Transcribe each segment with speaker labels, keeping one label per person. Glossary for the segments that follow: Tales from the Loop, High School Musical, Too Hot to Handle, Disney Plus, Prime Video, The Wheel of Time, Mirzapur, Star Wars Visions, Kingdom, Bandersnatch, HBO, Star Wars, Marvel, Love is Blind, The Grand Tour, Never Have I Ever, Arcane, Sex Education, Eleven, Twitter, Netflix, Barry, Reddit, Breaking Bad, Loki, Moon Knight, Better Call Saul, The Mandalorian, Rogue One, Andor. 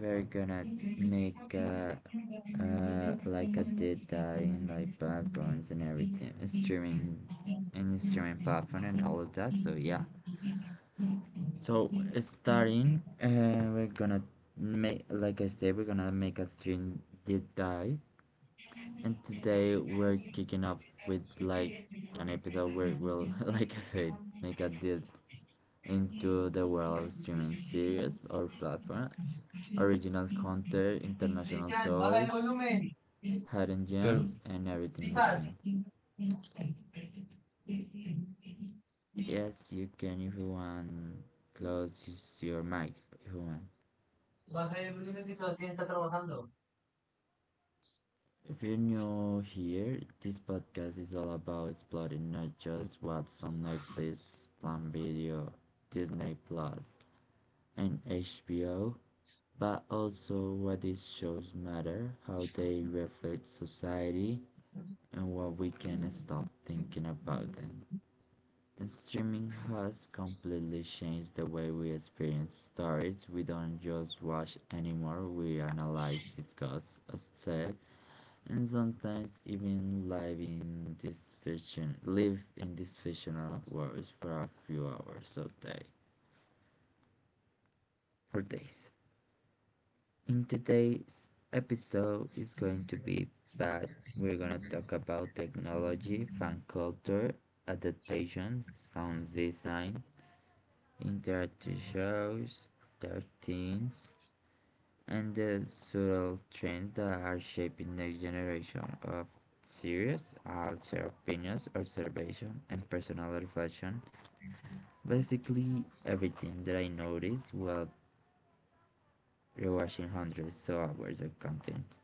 Speaker 1: we're gonna make a like a did dive in like platforms and everything streaming and streaming platform and all of that. So yeah. So starting we're gonna make, like I said, we're gonna make a stream deep dive, and today we're kicking off with like an episode where we'll like I said make a deep into the world of streaming series or platform, original content, international toys, hidden gems, and everything in between. Yes, you can if you want. Close your mic if you want. If you're new here, this podcast is all about exploring not just what's on Netflix, Prime Video, Disney Plus, and HBO, but also what these shows matter, how they reflect society, and what we can stop thinking about them. And streaming has completely changed the way we experience stories. We don't just watch anymore, we analyze, discuss, assess, and sometimes even live in these fictional worlds for a few hours a day or days. In today's episode is going to be bad. We're gonna talk about technology, fan culture, adaptation, sound design, interactive shows, thirteens, and the subtle trends that are shaping next generation of series. I'll share opinions, observation, and personal reflection. Basically everything that I noticed while rewatching hundreds of hours of content.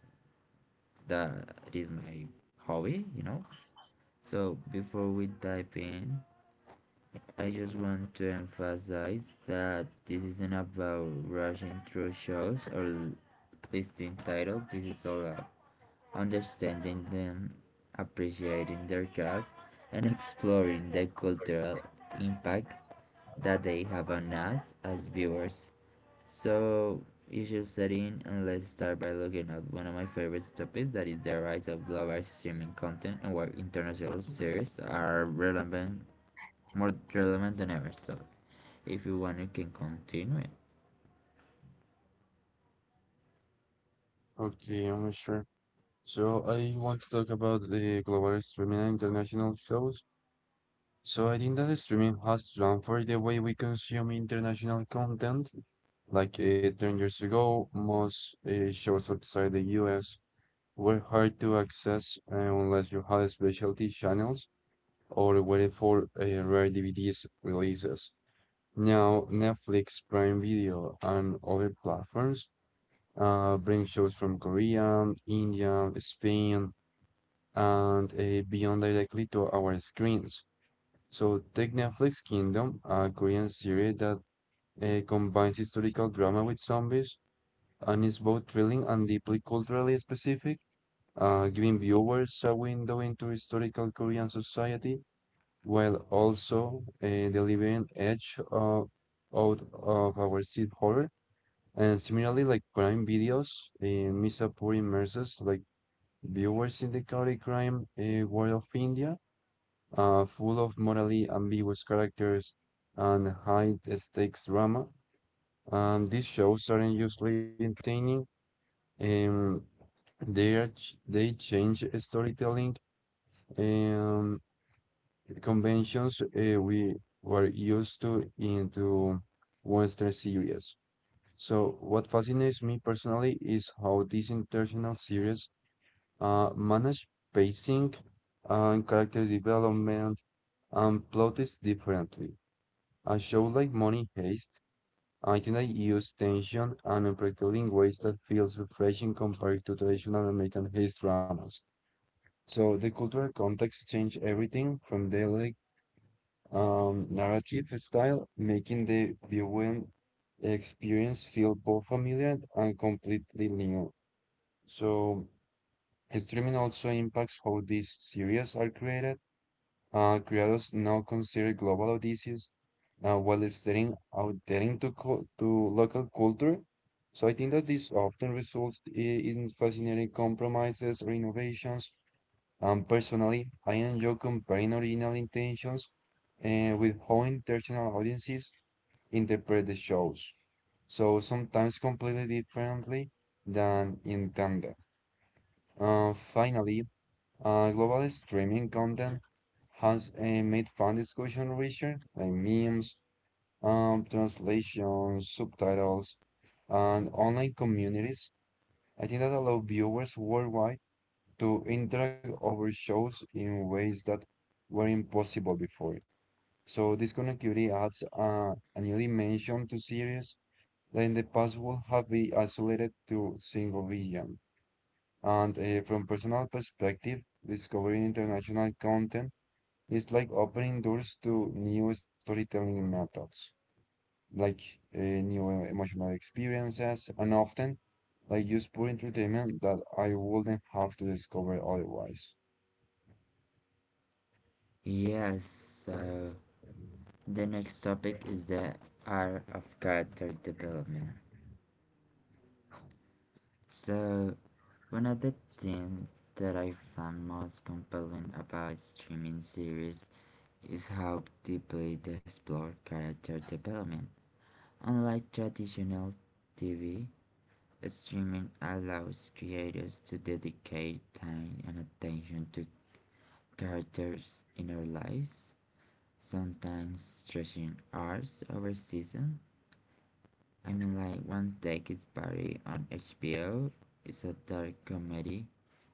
Speaker 1: That is my hobby, So before we dive in, I just want to emphasize that this isn't about rushing through shows or listing titles. This is all about understanding them, appreciating their cast, and exploring the cultural impact that they have on us as viewers. So you should study in and let's start by looking at one of my favorite topics that is the rise of global streaming content and why international series are relevant more relevant than ever. So if you want you can continue it. Yes, so the next topic is the art of character development. So one of the things that I found most compelling about streaming series is how deeply they explore character development. Unlike traditional TV, streaming allows creators to dedicate time and attention to characters in their lives, sometimes stretching hours over season. I mean, like one take is Barry on HBO. Is a dark comedy.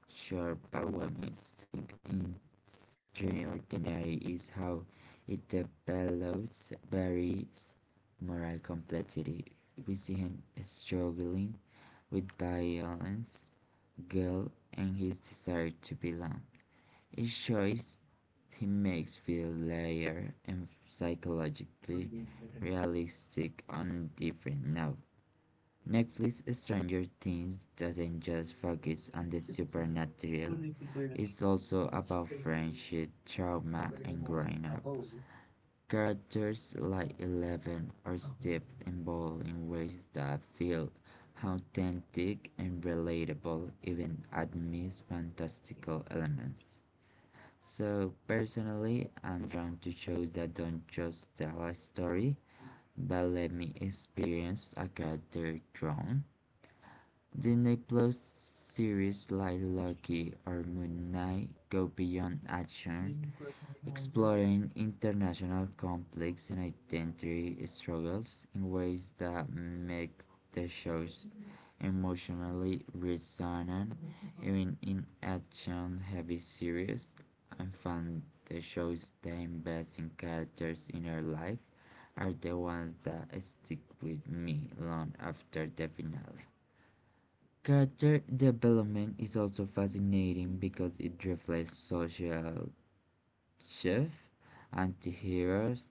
Speaker 1: Sure, power music in extraordinary is how it develops various moral complexity. We see him struggling with violence, guilt, and his desire to belong. Each choice he makes feel layered and psychologically realistic on different now. Netflix Stranger Things doesn't just focus on the supernatural, it's also about friendship, trauma, and growing up. Characters like Eleven are steeped in ball in ways that feel authentic and relatable, even amidst fantastical elements. So, personally, I'm drawn to shows that don't just tell a story, but let me experience a character grown. Disney Plus series like Loki or Moon Knight go beyond action, exploring international conflicts and identity struggles in ways that make the shows emotionally resonant. Even in action heavy series, I found the shows that invest in characters' inner life are the ones that stick with me long after the finale. Character development is also fascinating because it reflects social Chef, anti-heroes,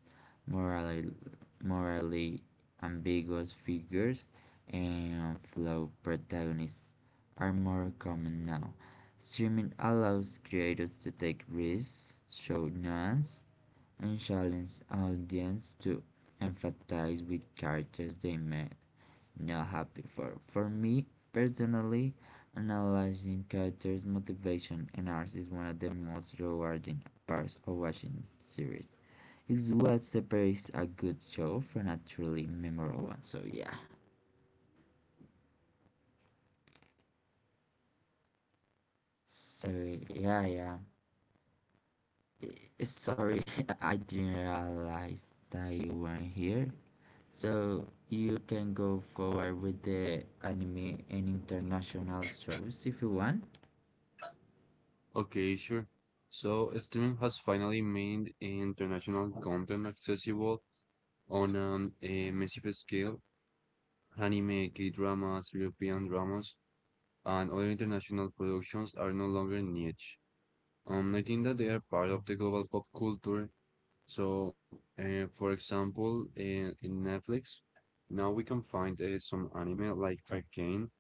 Speaker 1: morally, morally ambiguous figures, and flawed protagonists are more common now. Streaming allows creators to take risks, show nuance, and challenge audience to empathize with characters they may not happy for. For me personally, analyzing characters' motivation and arcs is one of the most rewarding parts of watching series. It's what separates a good show from a truly memorable one. So yeah. So yeah, yeah. Sorry, I didn't realize that you weren't here. So you can go forward with the anime and international shows if you want.
Speaker 2: Okay, sure. So streaming has finally made international content accessible on a massive scale. Anime, K-dramas, European dramas, and other international productions are no longer niche. I think that they are part of the global pop culture. So, for example, in Netflix, now we can find some anime like Arcane,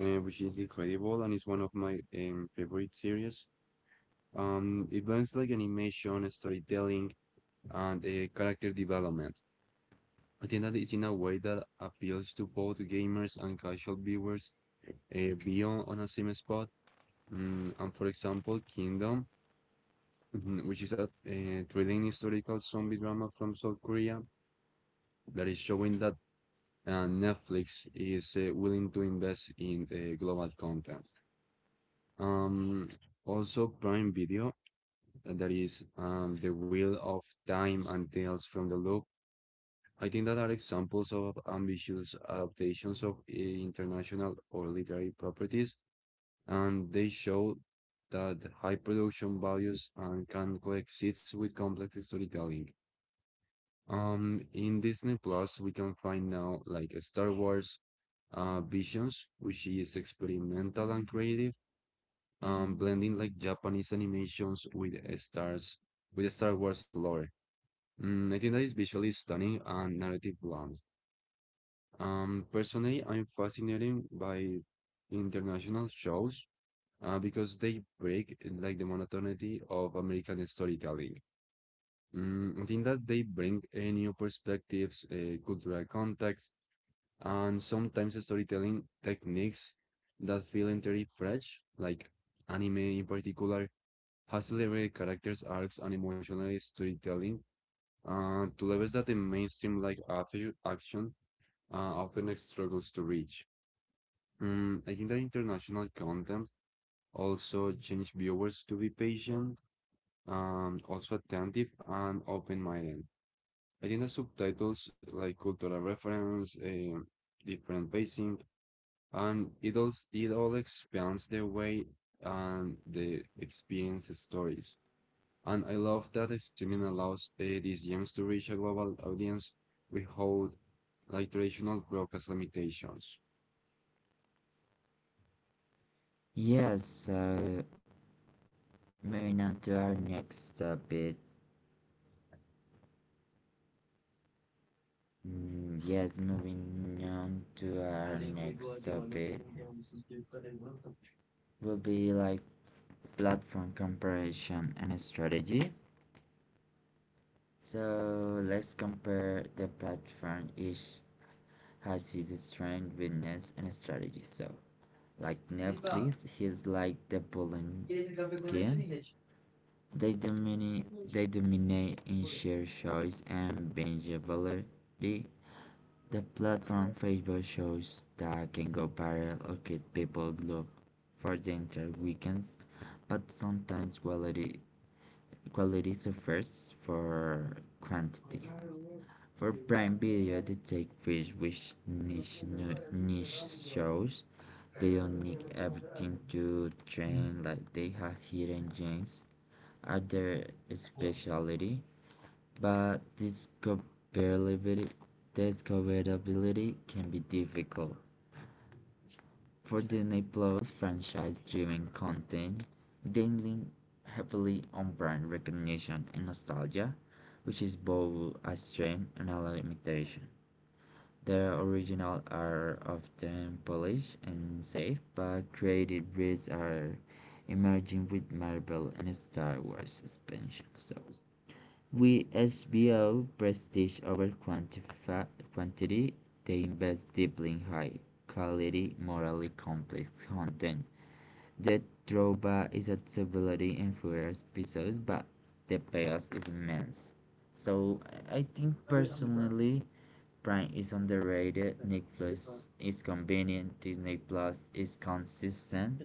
Speaker 2: which is incredible and is one of my favorite series. Events like animation, storytelling, and character development. I think that it's in a way that appeals to both gamers and casual viewers beyond on a same spot. And for example, Kingdom, mhm, which is a thrilling historical zombie drama from South Korea that is showing that Netflix is willing to invest in global content. Um, Also, Prime Video, and that is The Wheel of Time and Tales from the Loop, I think that are examples of ambitious adaptations of international or literary properties, and they show that high production values and can coexist with complex storytelling. In Disney Plus, we can find now like Star Wars Visions, which is experimental and creative, blending like Japanese animations with Star Wars lore. I think that is visually stunning and narrative blunt. Personally, I'm fascinated by international shows because they break like the monotonity of American storytelling. I think that they bring a new perspectives, cultural context, and sometimes storytelling techniques that feel entirely fresh, like anime in particular, has celebrated characters, arcs, and emotional storytelling to levels that the mainstream like action often struggles to reach. I think that international content also challenge viewers to be patient and also attentive and open-minded. I think the subtitles like cultural reference, different pacing, and it all expands the way and the experience stories. And I love that the streaming allows these gems to reach a global audience without like traditional broadcast limitations.
Speaker 1: Yes, yeah, so moving on to our next topic. Mm, yes, moving on to our next topic will be like platform comparison and strategy. So let's compare the platform each has its strength, weakness, and strategy. So like Netflix, he's like the bullying game. They dominate, they dominate in sheer choice and bingeability. The plot from Facebook shows that can go viral or get people glued for the entire weekends, but sometimes quality suffers for quantity. For Prime Video, they take fish with niche shows. They don't need everything to train like they have hidden gems at their specialty, but discoverability can be difficult. For Disney Plus franchise-driven content, they heavily on brand recognition and nostalgia, which is both a strength and a limitation. Their originals are often polished and safe, but creative risks are emerging with Marvel and Star Wars expansion. So, with HBO prestige over quantity, they invest deeply in high quality, morally complex content. The drawback is that stability in fewer episodes, but the payoff is immense. So I think personally, Prime is underrated. Netflix is convenient. Disney Plus is consistent,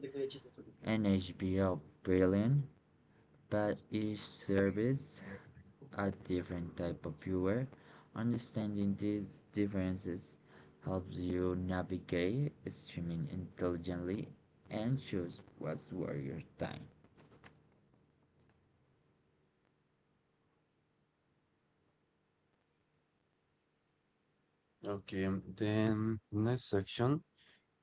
Speaker 1: and HBO brilliant. But each service a different type of viewer. Understanding these differences helps you navigate streaming intelligently and choose what's worth your time.
Speaker 2: Okay, then next section.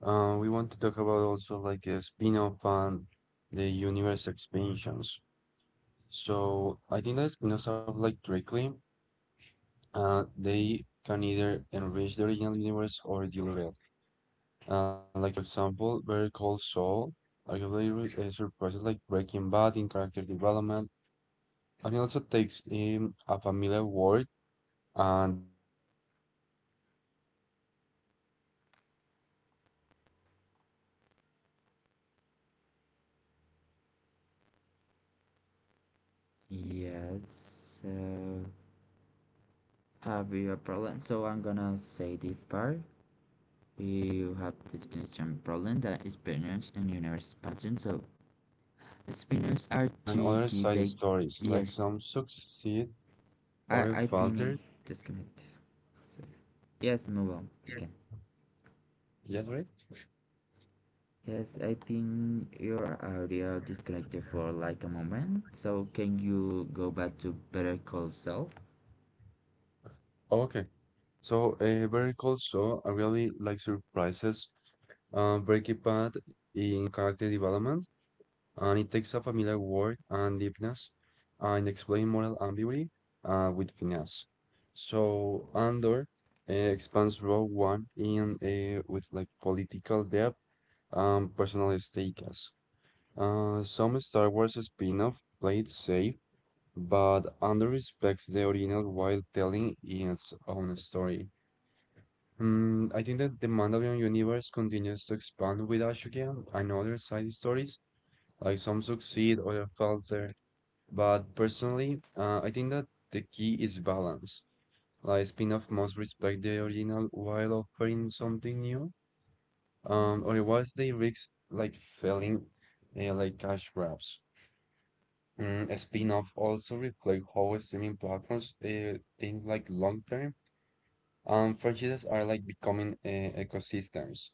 Speaker 2: We want to talk about also like a spin-off and the universe expansions. So I think that spin-offs have like directly, they can either enrich the original universe or dilute it. Like for example, Better Call Saul arguably surpasses like Breaking Bad in character development, and it also takes in a familiar world and deepness in exploring moral ambiguity with finesse. I think that Andor expands like Rogue One with political depth and personalized stakes. So some
Speaker 1: Yes,
Speaker 2: Star Wars spin-off like play it
Speaker 1: have
Speaker 2: safe,
Speaker 1: you a
Speaker 2: but I
Speaker 1: problem?
Speaker 2: think that
Speaker 1: So I'm
Speaker 2: Andor
Speaker 1: gonna
Speaker 2: respects
Speaker 1: say
Speaker 2: the
Speaker 1: this
Speaker 2: original
Speaker 1: part.
Speaker 2: while telling its own
Speaker 1: You
Speaker 2: story.
Speaker 1: have this connection
Speaker 2: The
Speaker 1: problem that is
Speaker 2: Mandalorian
Speaker 1: spinners
Speaker 2: universe
Speaker 1: and universe
Speaker 2: continues
Speaker 1: expansion.
Speaker 2: to
Speaker 1: So
Speaker 2: expand with Ashoka
Speaker 1: spinners are
Speaker 2: and other
Speaker 1: tricky.
Speaker 2: side
Speaker 1: They,
Speaker 2: stories, like
Speaker 1: yes,
Speaker 2: some succeed,
Speaker 1: I
Speaker 2: other
Speaker 1: I think it
Speaker 2: falter.
Speaker 1: disconnected. So, yes, move on. You can.
Speaker 2: Yeah, right.
Speaker 1: Yes, I think your audio disconnected for like a moment. So can you go back to better call self?
Speaker 2: Oh, okay. So, very cool. So, I really like surprises Breaking Bad in character development, and it takes a familiar word and deepness and explain moral ambiguity with finesse. So Andor expands Rogue One in with like political depth and personal stakes. Some Star Wars spin-off play it safe, but Andor respects the original while telling its own story. I think that the Mandalorian universe continues to expand with Ashoka and other side stories, like some succeed, other falter. But personally, I think that the key is balance. Like spin-off must respect the original while offering something new. Otherwise they risk like failing, like cash grabs. A spin-off also reflect how streaming platforms think like long-term. Franchises are like becoming ecosystems,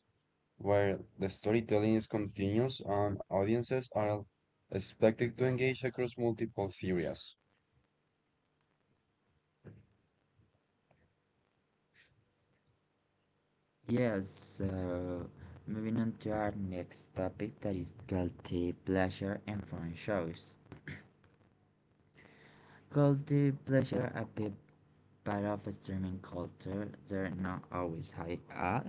Speaker 2: where the storytelling is continuous and audiences are expected to engage across multiple areas.
Speaker 1: Yes, moving on to our next topic that is guilty pleasure and foreign shows. Guilty pleasure a big part of streaming culture. They're not always high art,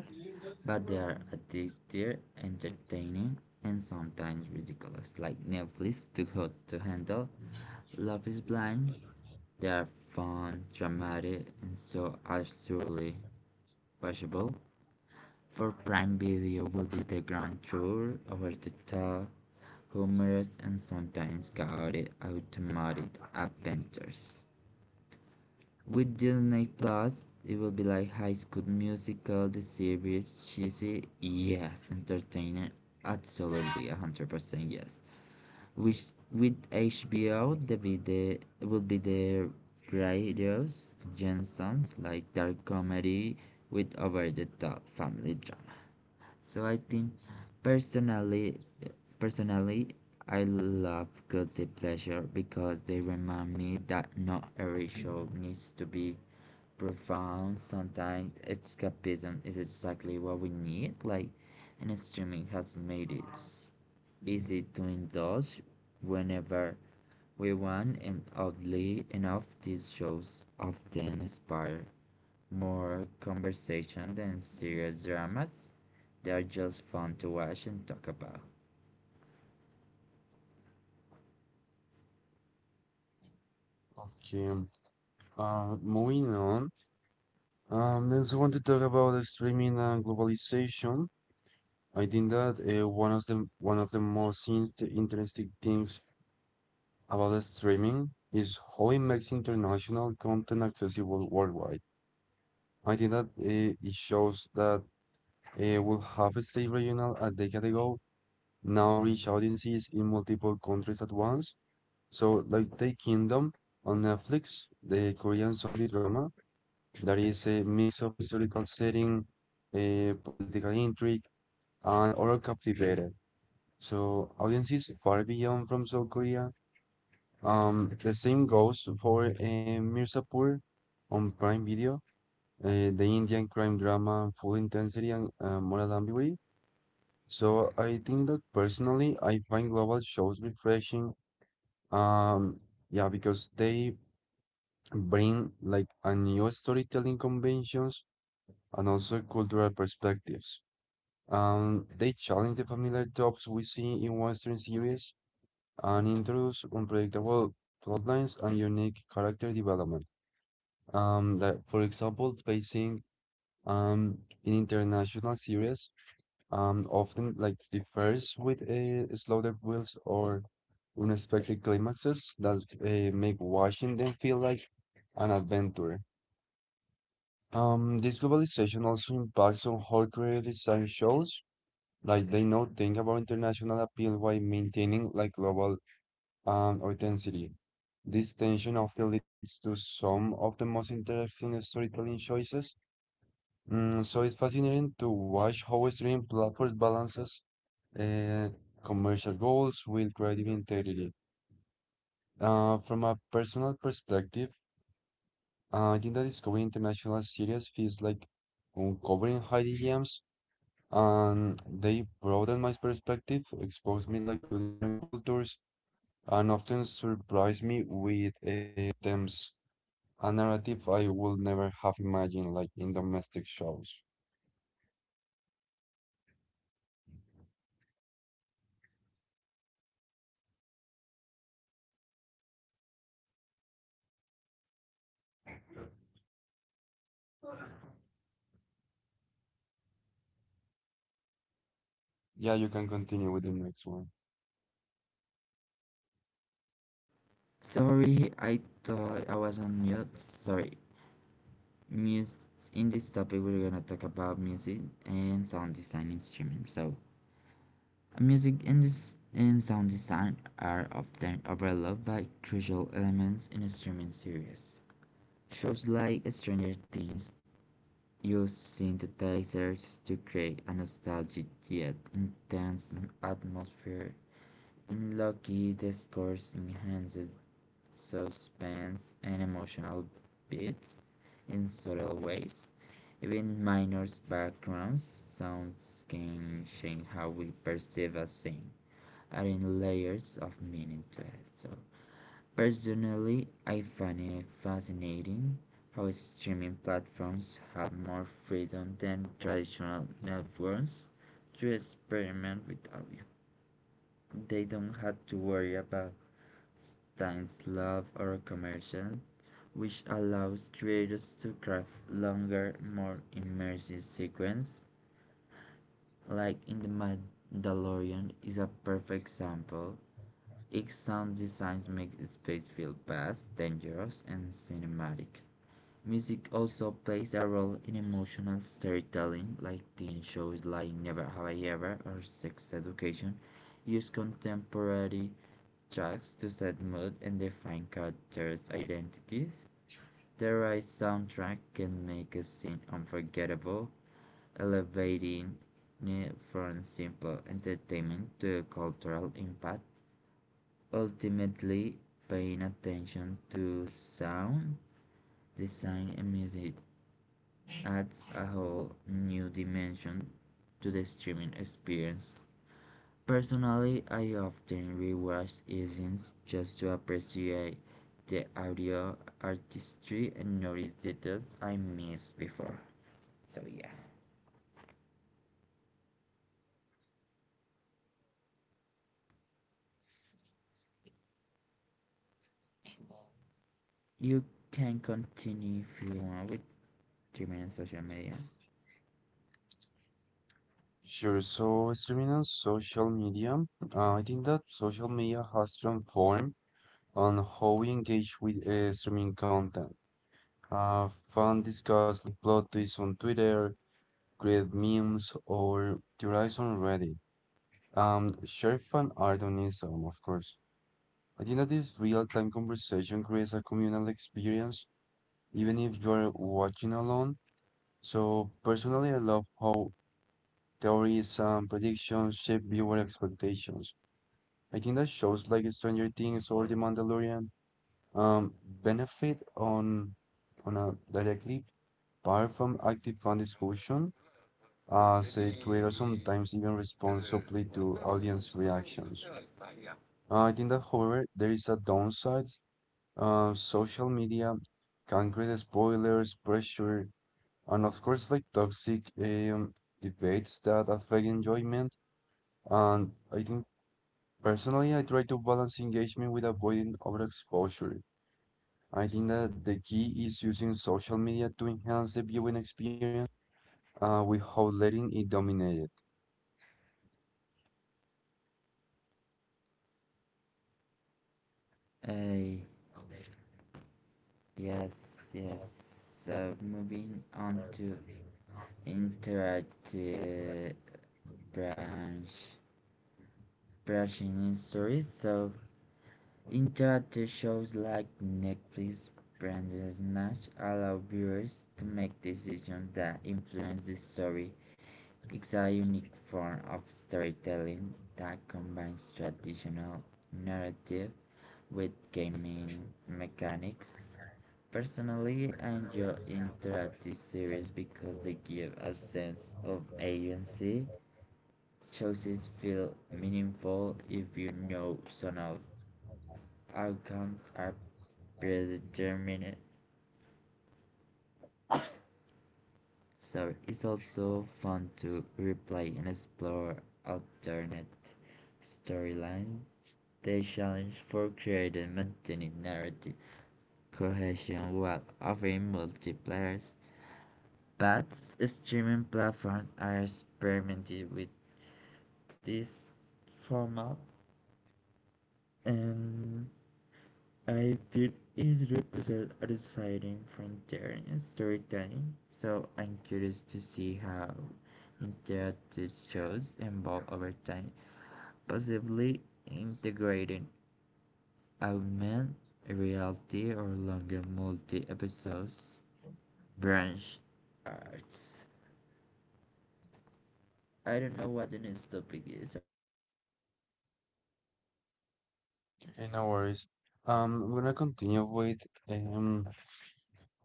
Speaker 1: but they are addictive, entertaining, and sometimes ridiculous. Like Netflix Too Hot to Handle, Love is Blind. They are fun, dramatic, and so absurdly watchable. For Prime Video will be the grand tour over the top, humorous and sometimes chaotic automated adventures. With Disney Plus, it will be like High School Musical, the series, cheesy, yes, entertaining, absolutely, 100% yes. Which with HBO, the video will be the various Jensen, like dark comedy with over the top family drama. So I think personally personally I love guilty pleasure because they remind me that not every show needs to be profound. Sometimes escapism is exactly what we need. Like and streaming has made it easy to indulge whenever we want, and oddly enough these shows often inspire more conversation than serious dramas. They are just fun to watch and talk about.
Speaker 2: Okay, moving on. I also want to talk about the streaming and globalization. I think that one of the most interesting things about the streaming is how it makes international content accessible worldwide. I think that it shows that we'll have stayed regional a decade ago now reach audiences in multiple countries at once. So, like The Kingdom on Netflix, the Korean zombie drama that is a mix of historical setting, a political intrigue, and horror captivated. So, audiences far beyond from South Korea. The same goes for Mirzapur on Prime Video, the Indian crime drama, full intensity and moral ambiguity. So I think that personally, I find global shows refreshing. Um, yeah, because they bring like a new storytelling conventions and also cultural perspectives. They challenge the familiar tropes we see in Western series and introduce unpredictable plotlines and unique character development. Like for example, facing um in international series often like differs with slaughter wheels or unexpected climaxes that make watching them feel like an adventure. This globalization also impacts on how creative design shows, like they now think about international appeal while maintaining like global authenticity. This tension often leads to some of the most interesting storytelling choices. So it's fascinating to watch how streaming platforms balances uh, commercial goals with creative integrity. From a personal perspective, I think that discovering International series feels like uncovering hidden gems, and they broaden my perspective, expose me like to different cultures, and often surprise me with themes a narrative I would never have imagined, like in domestic shows. Yeah, you can continue with the next one.
Speaker 1: Sorry, I thought I was on mute. Sorry. Mus in this topic, we're gonna talk about music and sound design in streaming. So, music and sound design are often overlooked by crucial elements in a streaming series. Shows like Stranger Things use synthesizers to create a nostalgic yet intense atmosphere. In Loki, the scores enhances suspense and emotional beats in subtle ways. Even minor background sounds can change how we perceive a scene, adding layers of meaning to it. So personally, I find it fascinating how streaming platforms have more freedom than traditional networks to experiment with audio. They don't have to worry about time slot or commercial, which allows creators to craft longer, more immersive sequences. Like in The Mandalorian is a perfect example. Its sound designs make space feel vast, dangerous, and cinematic. Music also plays a role in emotional storytelling, like teen shows like Never Have I Ever or Sex Education use contemporary tracks to set mood and define characters' identities. The right soundtrack can make a scene unforgettable, elevating it from simple entertainment to a cultural impact, ultimately paying attention to sound, design, and music adds a whole new dimension to the streaming experience. Personally, I often rewatch scenes just to appreciate the audio artistry and notice details I missed before. So yeah, you can continue if you want with streaming and social media.
Speaker 2: Sure. So streaming on social media, I think that social media has transformed on how we engage with streaming content. Fan discussed plot twists on Twitter, create memes, or theorize on Reddit. Share fan art on Instagram, of course. I think that this real-time conversation creates a communal experience, even if you are watching alone. So personally, I love how theories and predictions shape viewer expectations. I think that shows like Stranger Things or The Mandalorian um, benefit on a directly apart from active fan discussion, say
Speaker 1: 그
Speaker 2: create or sometimes even respond to audience reactions. I think that, however, there is a downside. Social media can create spoilers, pressure, and of course, like toxic debates that affect enjoyment. And I think personally, I try to balance engagement with avoiding overexposure. I think that the key is using social media to enhance the viewing experience without letting it dominate
Speaker 1: Uh, yes, yes. So moving on to interactive branch branching in stories. So interactive shows like Netflix, branded Snatch allow viewers to make decisions that influence the story. It's a unique form of storytelling that combines traditional narrative with gaming mechanics. Personally, I enjoy interactive series because they give a sense of agency. Choices feel
Speaker 2: it.
Speaker 1: meaningful if you know some of outcomes are predetermined. So it's also fun to replay and explore alternate storylines. They challenge for creating maintaining narrative cohesion while offering multiplayer. But streaming platforms are experimenting with this format, and Ibid is represents a deciding frontier in storytelling, so I'm curious to see how interactive shows evolve over time, possibly integrating augmented reality or longer multi-episodes branch arts. I don't know what the next topic is.
Speaker 2: Okay, no worries. We're gonna continue with um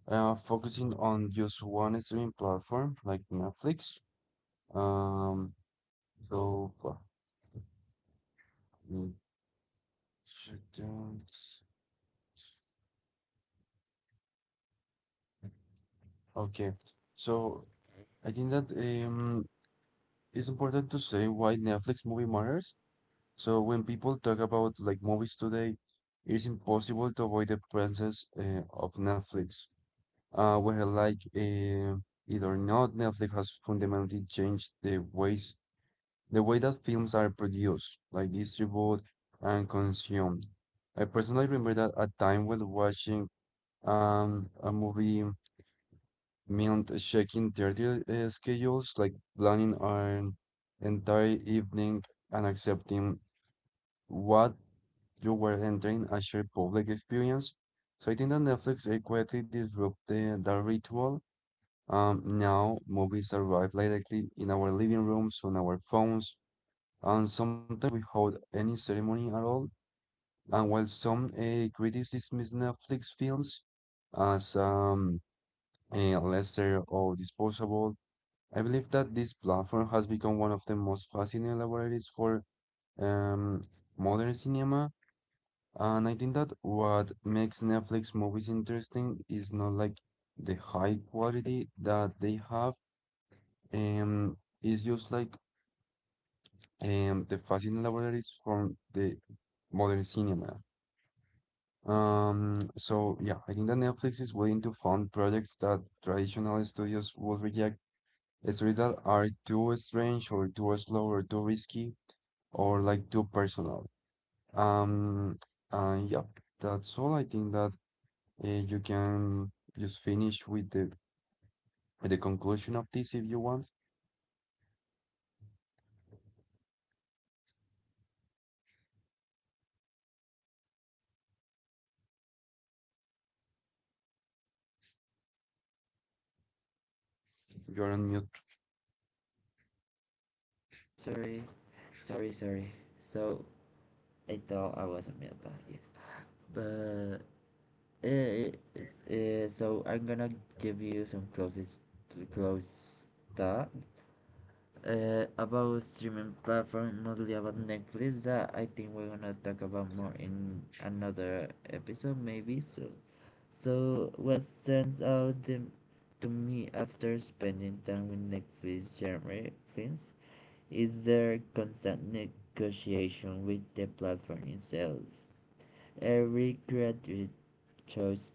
Speaker 2: focusing on just one streaming platform like Netflix. Um, so uh, mm, should do- okay. So I think that it's important to say why Netflix movie matters. So when people talk about like movies today, it's impossible to avoid the presence of Netflix. Whether like it or not, Netflix has fundamentally changed the way that films are produced, like distributed and consumed. I personally remember that a time when watching a movie meant checking their schedules, like planning an entire evening and accepting what you were entering as your public experience. So I think that Netflix quietly disrupted that ritual. Now movies arrive directly in our living rooms, on our phones, and sometimes we hold any ceremony at all. And while some critics dismiss Netflix films as lesser or disposable, I believe that this platform has become one of the most fascinating laboratories for um, modern cinema. And I think that what makes Netflix movies interesting is not like the high quality that they have. Um, it's just like the fascinating libraries from the modern cinema. So yeah, I think that Netflix is willing to fund projects that traditional studios would reject. Stories that are too strange or too slow or too risky or like too personal. Um, and yeah, that's all. I think that you can just finish with the conclusion of this if you want. You're on mute.
Speaker 1: Sorry, sorry. So I thought I was a male, but yes. But Uh, so I'm gonna give you some close that about streaming platform, mostly about Netflix. That I think we're gonna talk about more in another episode, maybe. So, so what stands out to me after spending time with Netflix genre films is their constant negotiation with the platform itself. Every creative choice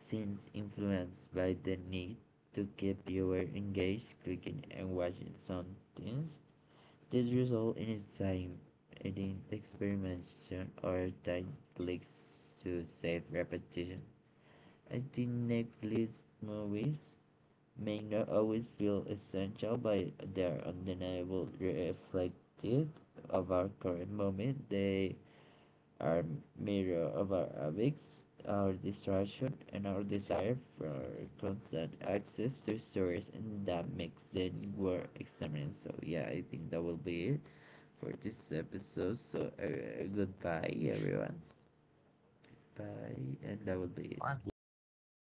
Speaker 1: Since influenced by the need to keep viewers engaged, clicking and watching something, this results in exciting experimentation or tight clicks to save repetition. I think Netflix movies may not always feel essential, but they are undeniable reflective of our current moment. They our mirror of our awaits, our distraction, and our desire for constant access to stories, and that makes it worth examining. So, yeah, I think that will be it for this episode. So, goodbye, everyone. Bye, and that will be it.
Speaker 2: All right. Yeah.